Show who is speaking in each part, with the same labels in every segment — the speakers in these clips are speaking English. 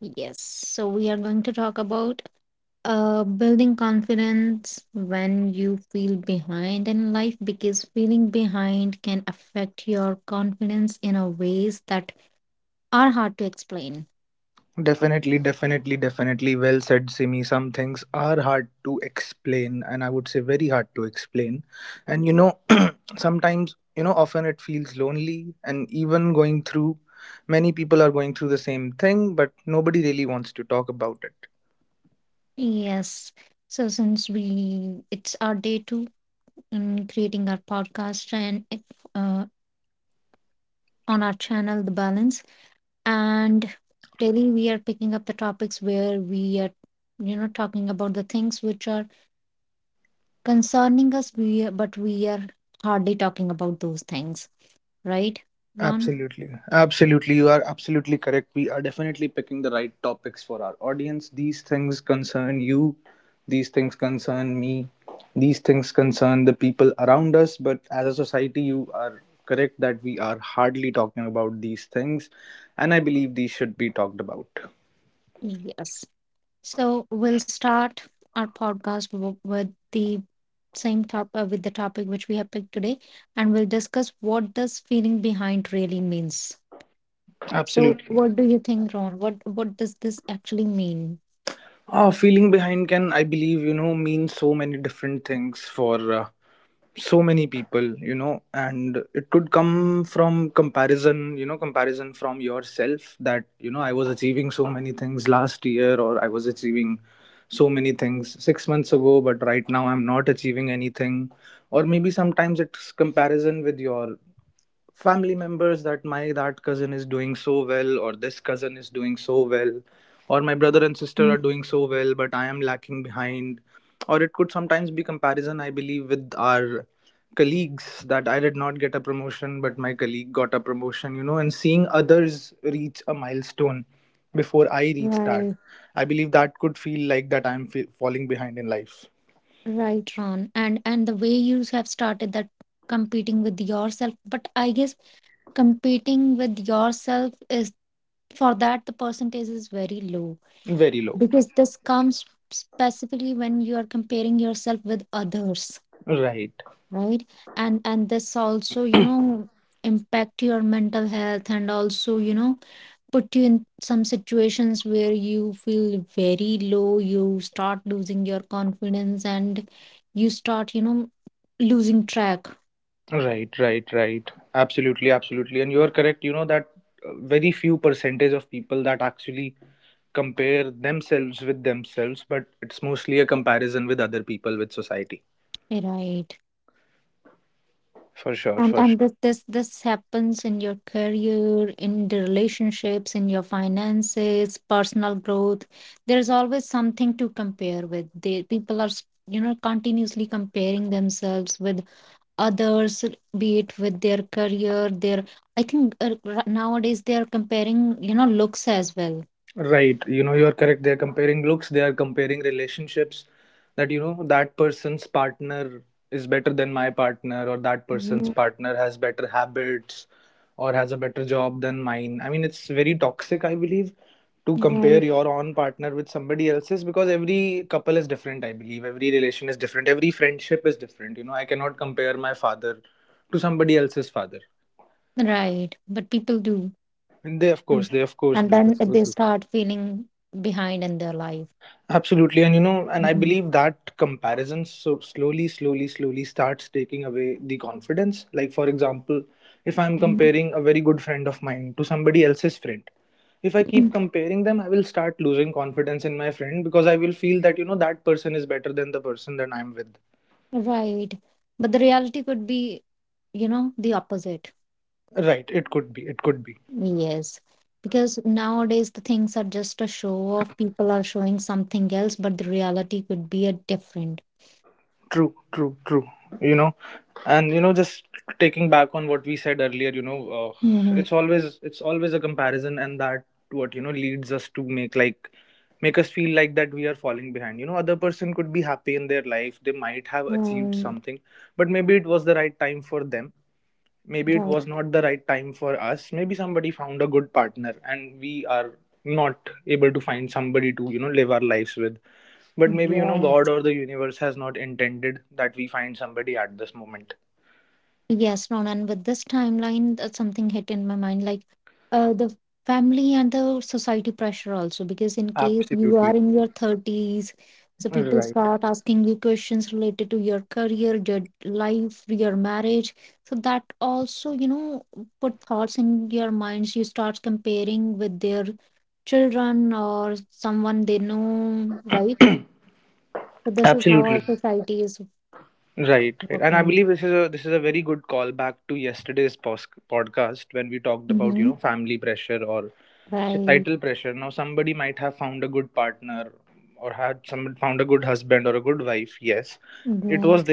Speaker 1: Yes. So, we are going to talk about building confidence when you feel behind in life because feeling behind can affect your confidence in a ways that are hard to explain. Yes. So since we it's our day two in creating our podcast and if, uh, on our channel the balance and daily we are picking up the topics where we are talking about the things which are concerning us but we are hardly talking about those things, right, Ron? Yes. So we'll start our podcast with the same top with the topic which we have picked today, and we'll discuss what does feeling behind really means. So, what do you think, Ron? What does this actually mean? Mm. Right, right, Ron. And the way you have started that, competing with yourself. But I guess competing with yourself is, for that the percentage is very low, because this comes specifically when you are comparing yourself with others, right? And this also, impact your mental health, and also, put you in some situations where you feel very low, you start losing your confidence, and you start, losing track, right? And this happens in your career, in the relationships, in your finances, personal growth. There is always something to compare with. They people are you know continuously comparing themselves with others, be it with their career, their, I think nowadays they are comparing, you know, looks as well. Mm. Right. Right. But people do. Mm. And then they start feeling behind in their life. Mhm. Mhm. Right. But the reality could be, you know, the opposite. Yes. Because nowadays the things are just a show off. People are showing something else, but the reality could be a different. Mm-hmm. Right. Right. Yes. Yes, Ron, and with this timeline, that something hit in my mind, like, the family and the society pressure also, because in case you are in your 30s, so people start asking you questions related to your career, your life, your marriage. So that also, you know, put thoughts in your minds. You start comparing with their children or someone they know, right? So this is how our society is working. Mm-hmm. Right. Yes.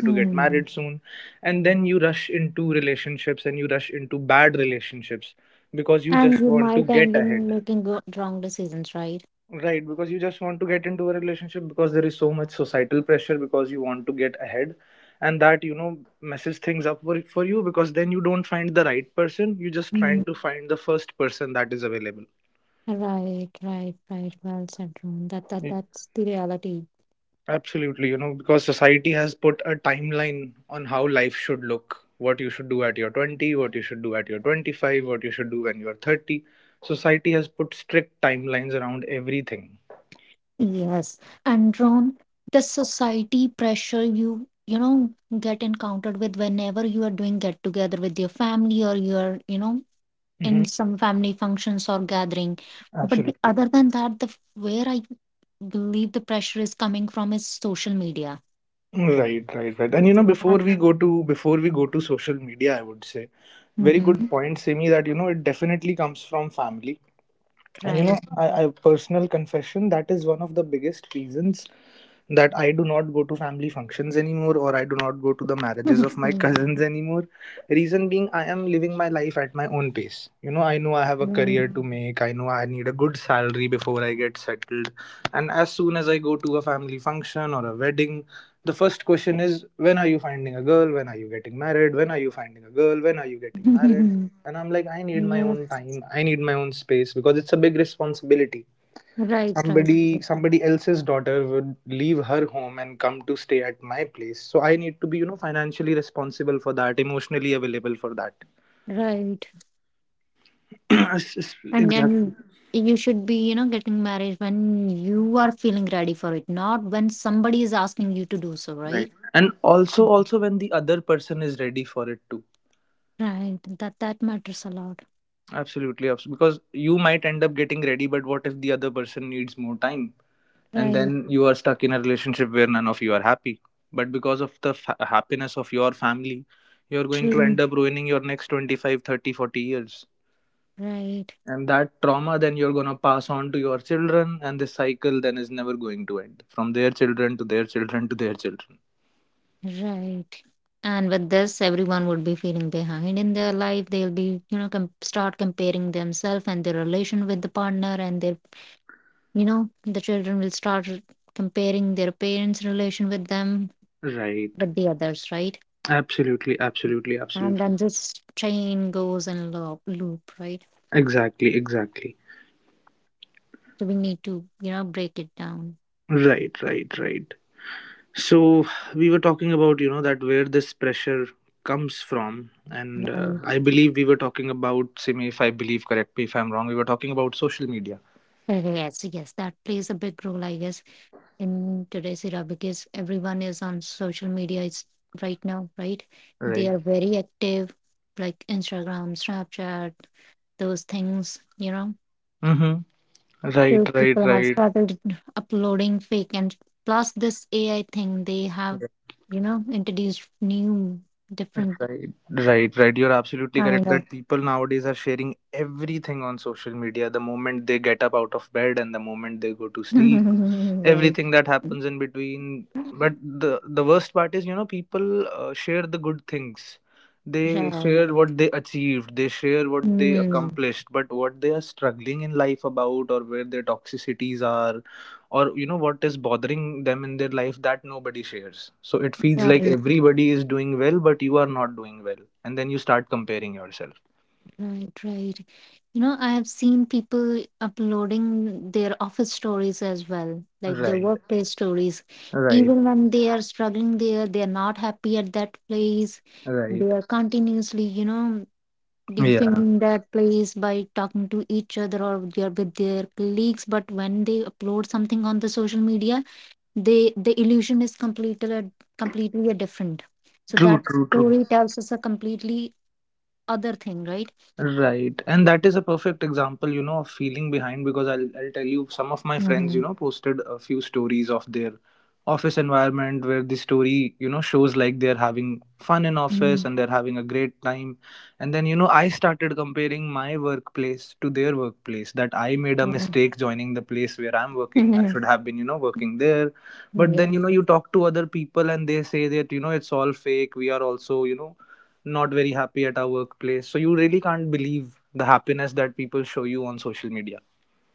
Speaker 1: Hmm. And you might end in making wrong decisions, right? Mm. Right, right, right. Well said, Drone. That's the reality. Yes. And Drone, the society pressure you, you know get encountered with whenever you are doing get together with your family, or you're, in some family functions or gathering. But the, other than that, the where I believe the pressure is coming from is social media. Yes, that. Mm-hmm. Right. Yes. Yes, right, right, right. And you should be, you know, getting married when you are feeling ready for it, not when somebody is asking you to do so, right? Mm. Right. That that matters a lot. Right. True. Right. Right. And with this, everyone would be feeling behind in their life. They'll be, you know, start comparing themselves and their relation with the partner, and their, you know, the children will start comparing their parents' relation with them with the others, right? And then this chain goes in loop, loop, right? So we need to, you know, break it down. Right. Yes, yes, that plays a big role, I guess, in today's era because everyone is on social media. Is right now, right? They are very active, like Instagram, Snapchat, those things, you know. So people have started uploading fake, and plus this AI thing, they have, you know, introduced new different kind of. Right, right, mm, right, right, right. You know, I have seen people uploading their office stories as well, like their workplace stories. Even when they are struggling there, they are not happy at that place. They are continuously, you know, defending that place by talking to each other, or they are with their colleagues. But when they upload something on the social media, they the illusion is completely, completely a different. So that story tells us a completely other thing, right? Mm-hmm. Mm. Yes,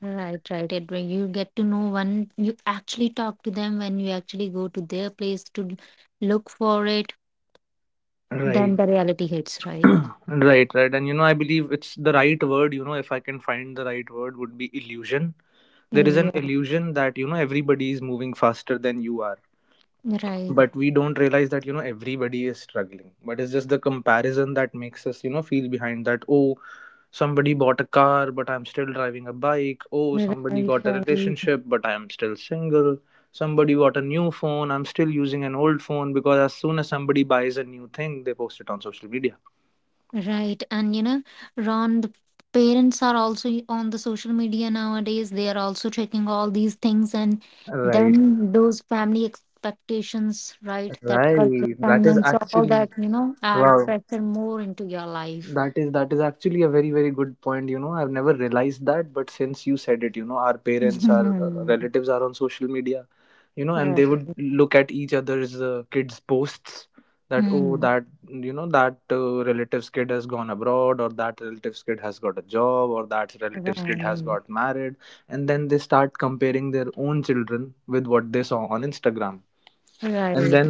Speaker 1: right, right. It when you get to know one, you actually talk to them, when you actually go to their place to look for it, then the reality hits, right? Yes. Right. Right, right. Right. And you know, Ron, the parents are also on the social media nowadays. They are also checking all these things, and then those family expectations, right? That culture timelines, all that, you know, add pressure more into your life. Mhm. Right. Mm. Right. Right.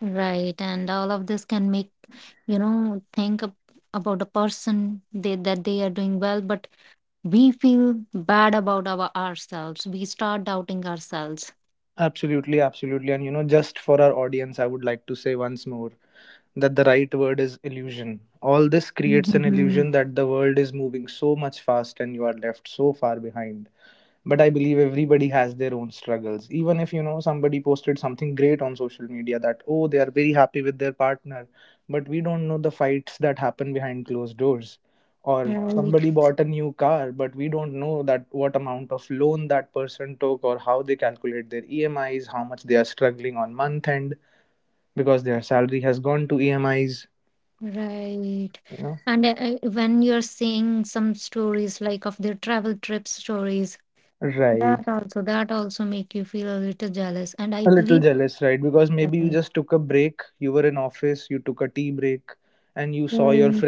Speaker 1: Right. And all of this can make, you know, think about a person they, that they are doing well, but we feel bad about ourselves. We start doubting ourselves. Mhm. Right, right. And when you're seeing some stories like of their travel trip stories, that also, that also make you feel a little jealous. And I believe. Right, right,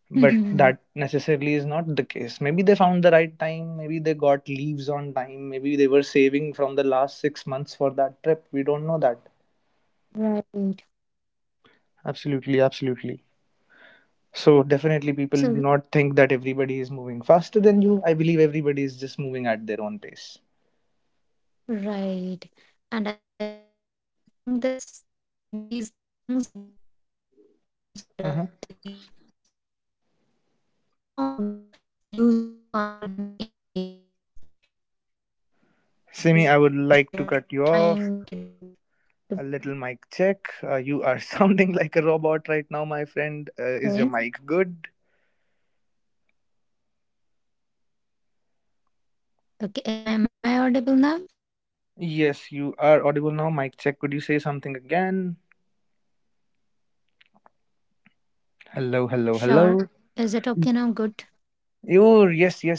Speaker 1: right. Right. So. Right. And I think this these things does not happen suddenly. These things takes time. You does not, you know, always lose your confidence immediately. You get pressurized time in like back to back. Okay. Okay. Am I audible now? Sure. Is it okay now? Good. Hey.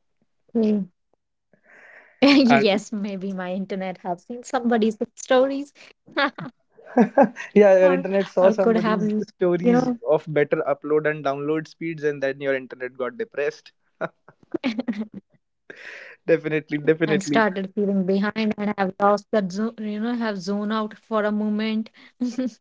Speaker 1: Hey. Yes, maybe my internet have seen somebody's stories or or could have, you know, and started feeling behind, and have lost that zone, you know, have zone out for a moment.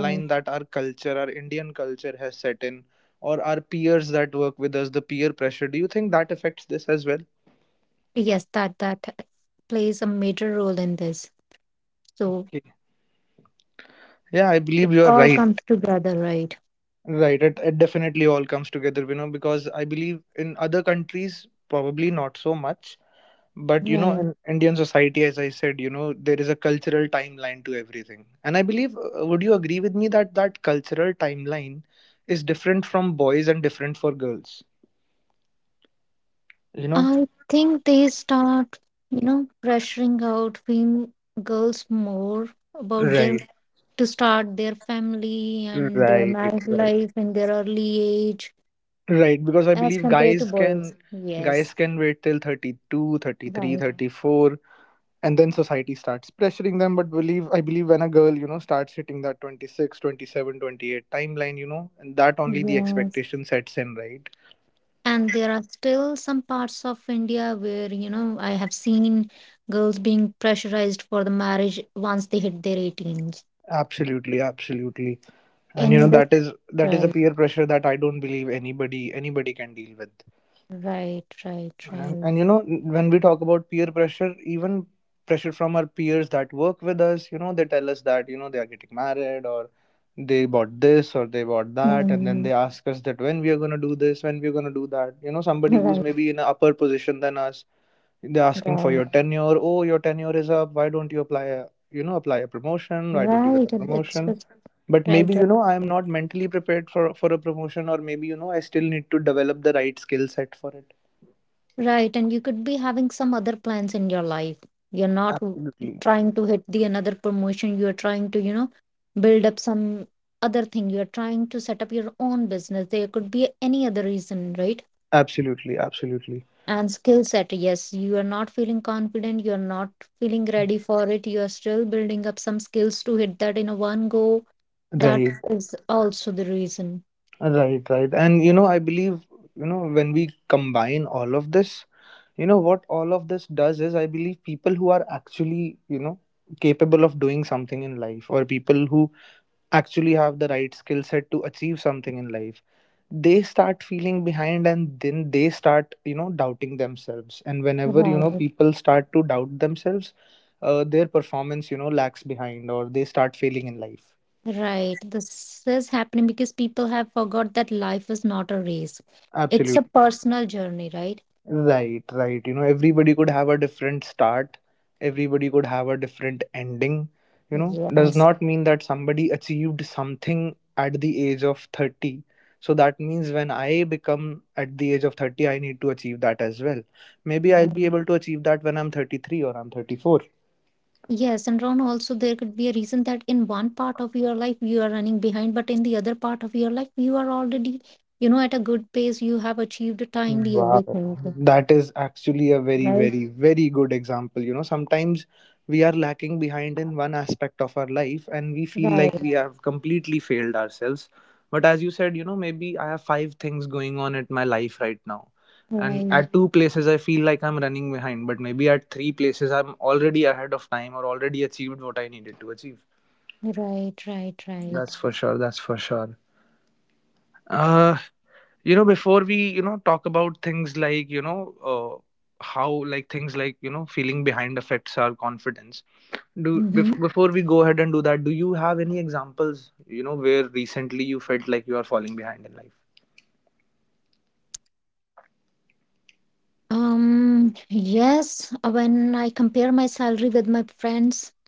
Speaker 1: Right. Yes, that that plays a major role in this. So it all comes together, right? Right. I think they start, you know, pressuring out female girls more about their, to start their family and their married life in their early age as compared to boys. Yes. Right. Yes. And there are still some parts of India where, you know, I have seen girls being pressurized for the marriage once they hit their 18s. And that's right, right, right, right. Mm, right, right, right. And it's just right, right, right. And you could be having some other plans in your life. You're not trying to hit the another promotion. You're trying to, you know, build up some other thing. You're trying to set up your own business. There could be any other reason, right? And skill set. Yes, you are not feeling confident, you're not feeling ready for it, you are still building up some skills to hit that in a one go. That is also the reason. Right. Right, this is happening because people have forgot that life is not a race, it's a personal journey, right? Yes. Yes, and Ron, also there could be a reason that in one part of your life you are running behind, but in the other part of your life you are already, you know, at a good pace. You have achieved timely everything. Right, right, right, right, right, right. Hmm. Yes, when I compare my salary with my friends,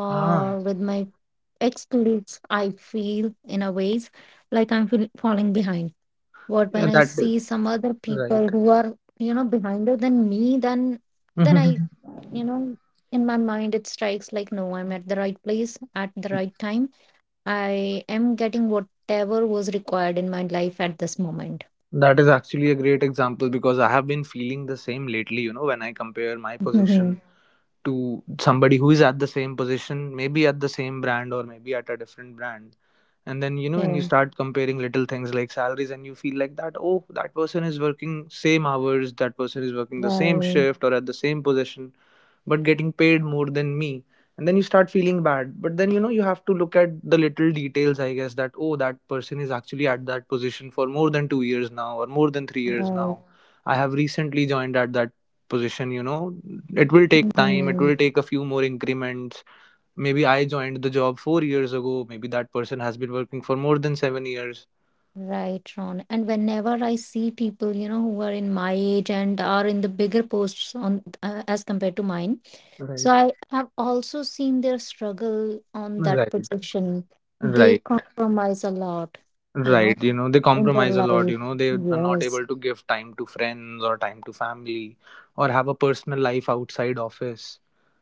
Speaker 1: or with my ex colleagues, I feel in a ways like I'm feel falling behind. What when I see some other people who are, you know, behinder than me, then I, you know, in my mind it strikes like no, I'm at the right place at the right time. I am getting whatever was required in my life at this moment. Mhm. Yeah. Right. Right. Mhm. Right, Ron. And whenever I see people, you know, who are in my age and are in the bigger posts on, as compared to mine, so I have also seen their struggle on that position. They compromise a lot, you know, in their life. Yes.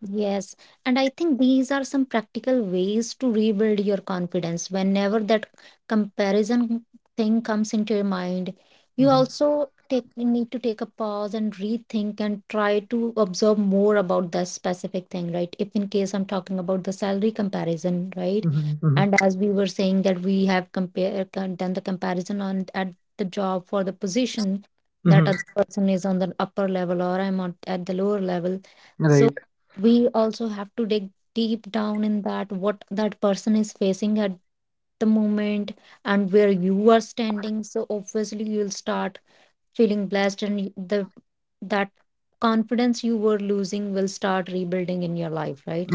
Speaker 1: Yes, and I think these are some practical ways to rebuild your confidence whenever that comparison thing comes into your mind. You also take, need to take a pause and rethink and try to observe more about that specific thing, right? If in case I'm talking about the salary comparison, right? And as we were saying that we have done the comparison on at the job for the position, that other person is on the upper level, or I'm on, at the lower level. So we also have to dig deep down in that what that person is facing at the moment, and where you are standing. So obviously you'll start feeling blessed, and the, that confidence you were losing will start rebuilding in your life, right?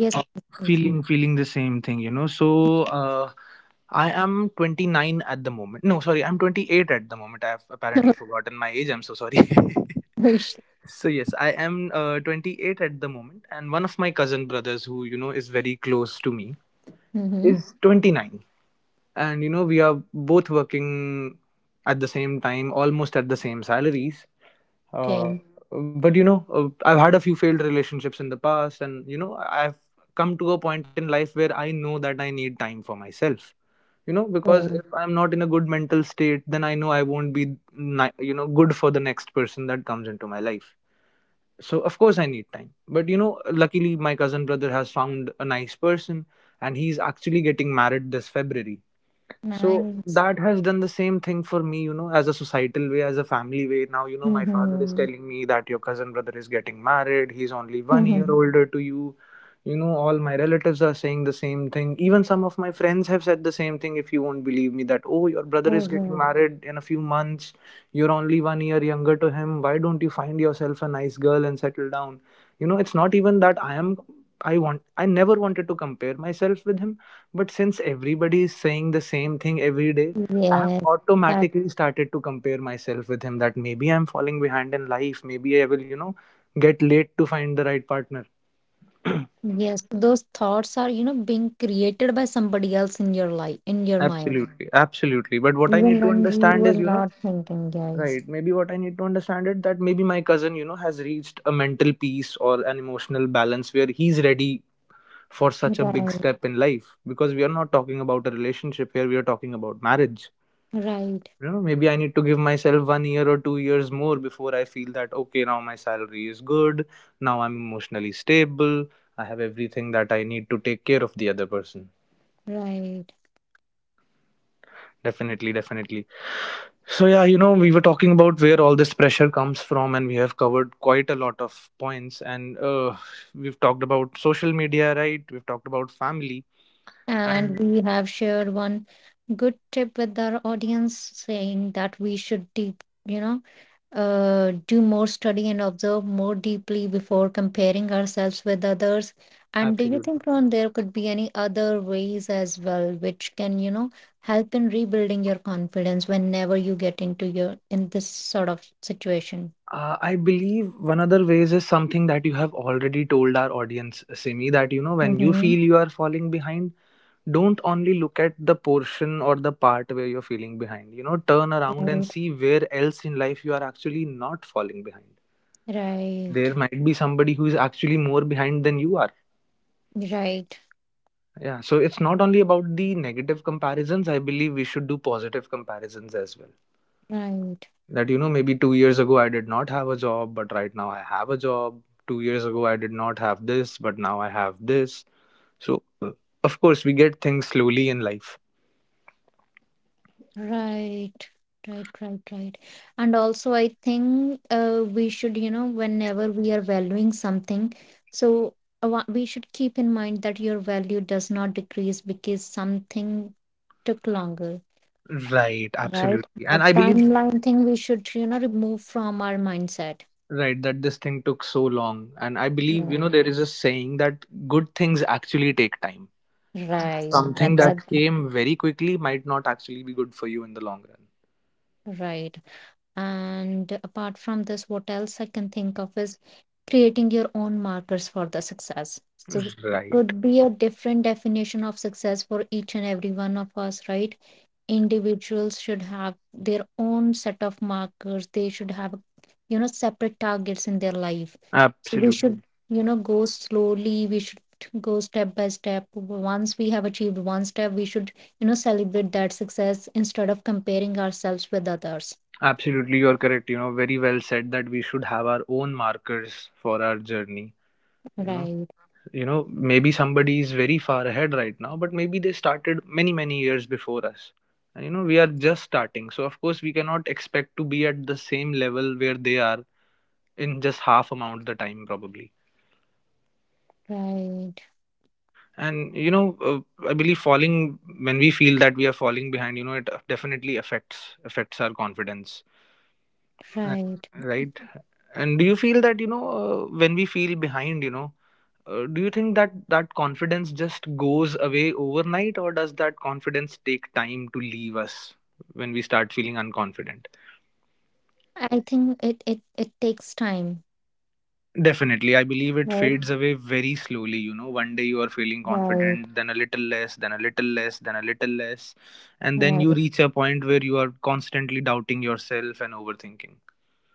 Speaker 1: Yes. Yes. Mm-hmm. Okay. Cool. Nice. Mm-hmm. Oh, God. Yes. Yes, those thoughts are, you know, being created by somebody else in your life, in your mind, even when you were not thinking, guys. Right, right, right. And we have shared one good tip with our audience saying that we should deep. Do more study and observe more deeply before comparing ourselves with others? And do you think, Ron, there could be any other ways as well which can help in rebuilding your confidence whenever you get into your in this sort of situation? Mm-hmm. Right. Right. Right. Right. Right, right, right, right. And also, I think we should whenever we are valuing something, so we should keep in mind that your value does not decrease because something took longer, right? That timeline thing we should remove from our mindset. Right, right, that right. And apart from this, what else I can think of is creating your own markers for the success. So it could be a different definition of success for each and every one of us, right? Individuals should have their own set of markers. They should have separate targets in their life. So we should go slowly. We should go step by step. Once we have achieved one step, we should celebrate that success instead of comparing ourselves with others. Right. Early. Right. Right. I think it takes time. Right. Right. Right.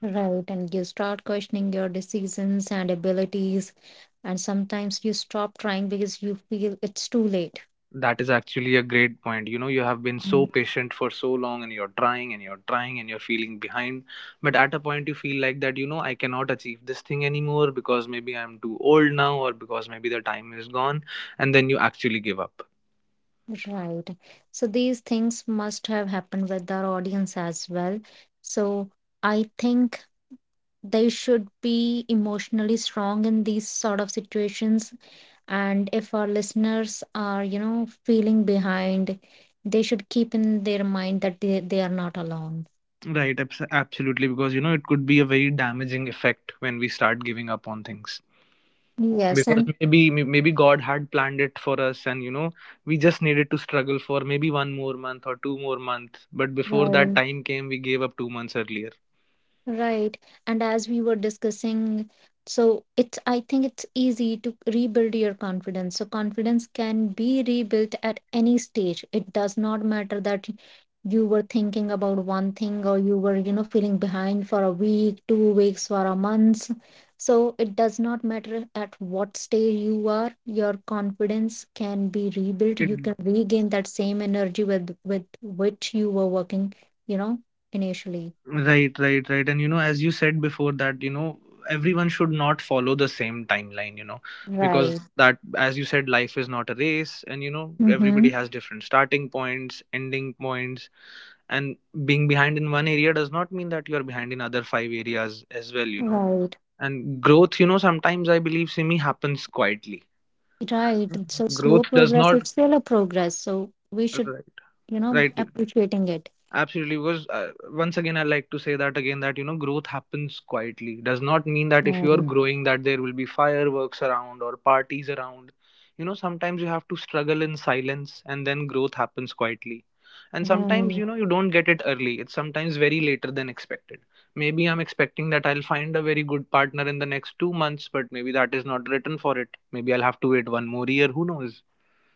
Speaker 1: Right. And you start questioning your decisions and abilities, and sometimes you stop trying because you feel it's too late. Mm, right. So these things must have happened with our audience as well. So I think they should be emotionally strong in these sort of situations, and if our listeners are feeling behind, they should keep in their mind that they are not alone. Yes, and right. Right. And as we were discussing, so I think it's easy to rebuild your confidence. So confidence can be rebuilt at any stage. It does not matter that you were thinking about one thing, or you were feeling behind for a week, 2 weeks, for a month. So it does not matter at what stage you are, your confidence can be rebuilt. You can regain that same energy with which you were working, you know, initially. Mm-hmm. Right. Right. So slow progress is still a progress. So we should appreciating it. Right. Right.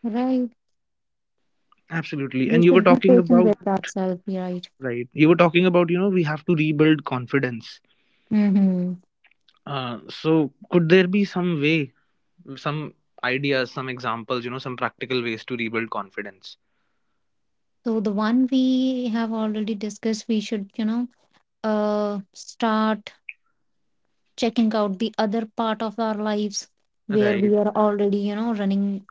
Speaker 1: Right. We should be patient with ourselves, right? Mm-hmm. So the one we have already discussed, we should start checking out the other part of our lives where we are already running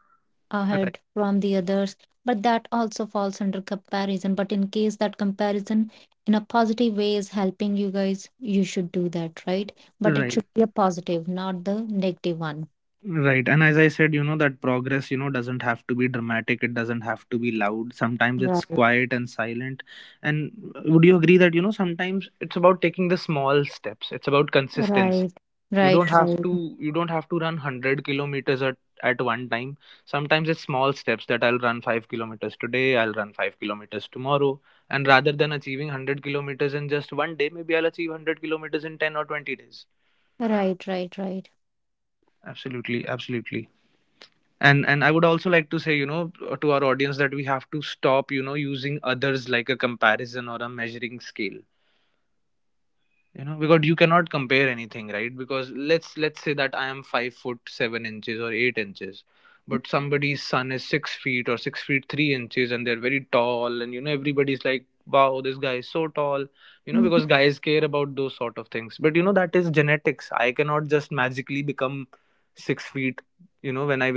Speaker 1: ahead from the others, but that also falls under comparison. But in case that comparison in a positive way is helping you guys, you should do that, right? But it should be a positive, not the negative one. Right, right, right, right, right, right, right.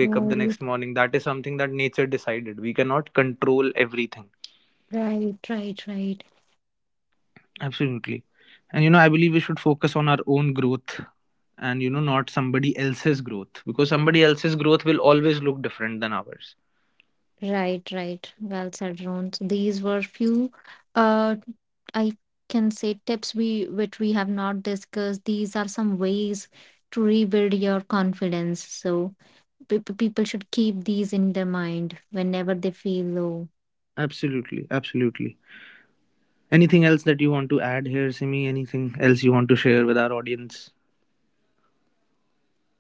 Speaker 1: Mhm. Right, right, right, right, right, right. Well said, Ron. So these were few uh I can say tips we which we have not discussed. These are some ways to rebuild your confidence. So people should keep these in their mind whenever they feel low.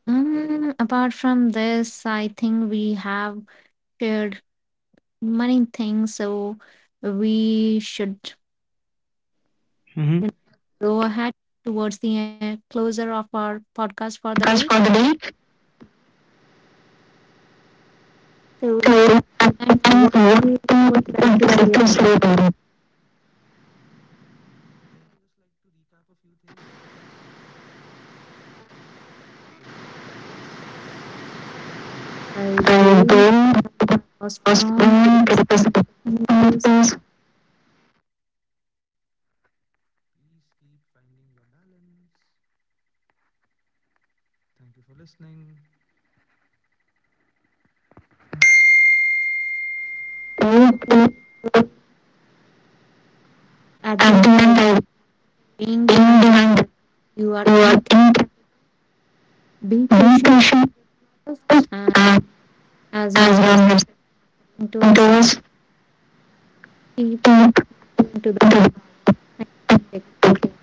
Speaker 1: Apart from this, I think we have shared many things. So we should you know, go ahead towards the closer of our podcast for the
Speaker 2: Because
Speaker 1: day.
Speaker 2: for the day, to
Speaker 1: So and
Speaker 2: and
Speaker 1: what you
Speaker 2: to
Speaker 1: would
Speaker 2: to to
Speaker 1: like to
Speaker 2: sleep
Speaker 1: say,
Speaker 2: on it.
Speaker 1: Ron? I
Speaker 2: I go
Speaker 1: believe.
Speaker 2: to
Speaker 1: Was drawn due
Speaker 2: hospital to
Speaker 1: to some
Speaker 2: represent the
Speaker 1: connection issues.
Speaker 2: hospitals,
Speaker 1: Okay. So at the
Speaker 2: abdomen,
Speaker 1: end, I
Speaker 2: I
Speaker 1: was
Speaker 2: in
Speaker 1: being behind
Speaker 2: behind,
Speaker 1: that you are
Speaker 2: what in
Speaker 1: incapable. Be
Speaker 2: depression,
Speaker 1: patient, love,
Speaker 2: uh,
Speaker 1: and
Speaker 2: as
Speaker 1: as Ron
Speaker 2: long as
Speaker 1: has said to
Speaker 2: those
Speaker 1: us, keep
Speaker 2: to
Speaker 1: to the
Speaker 2: the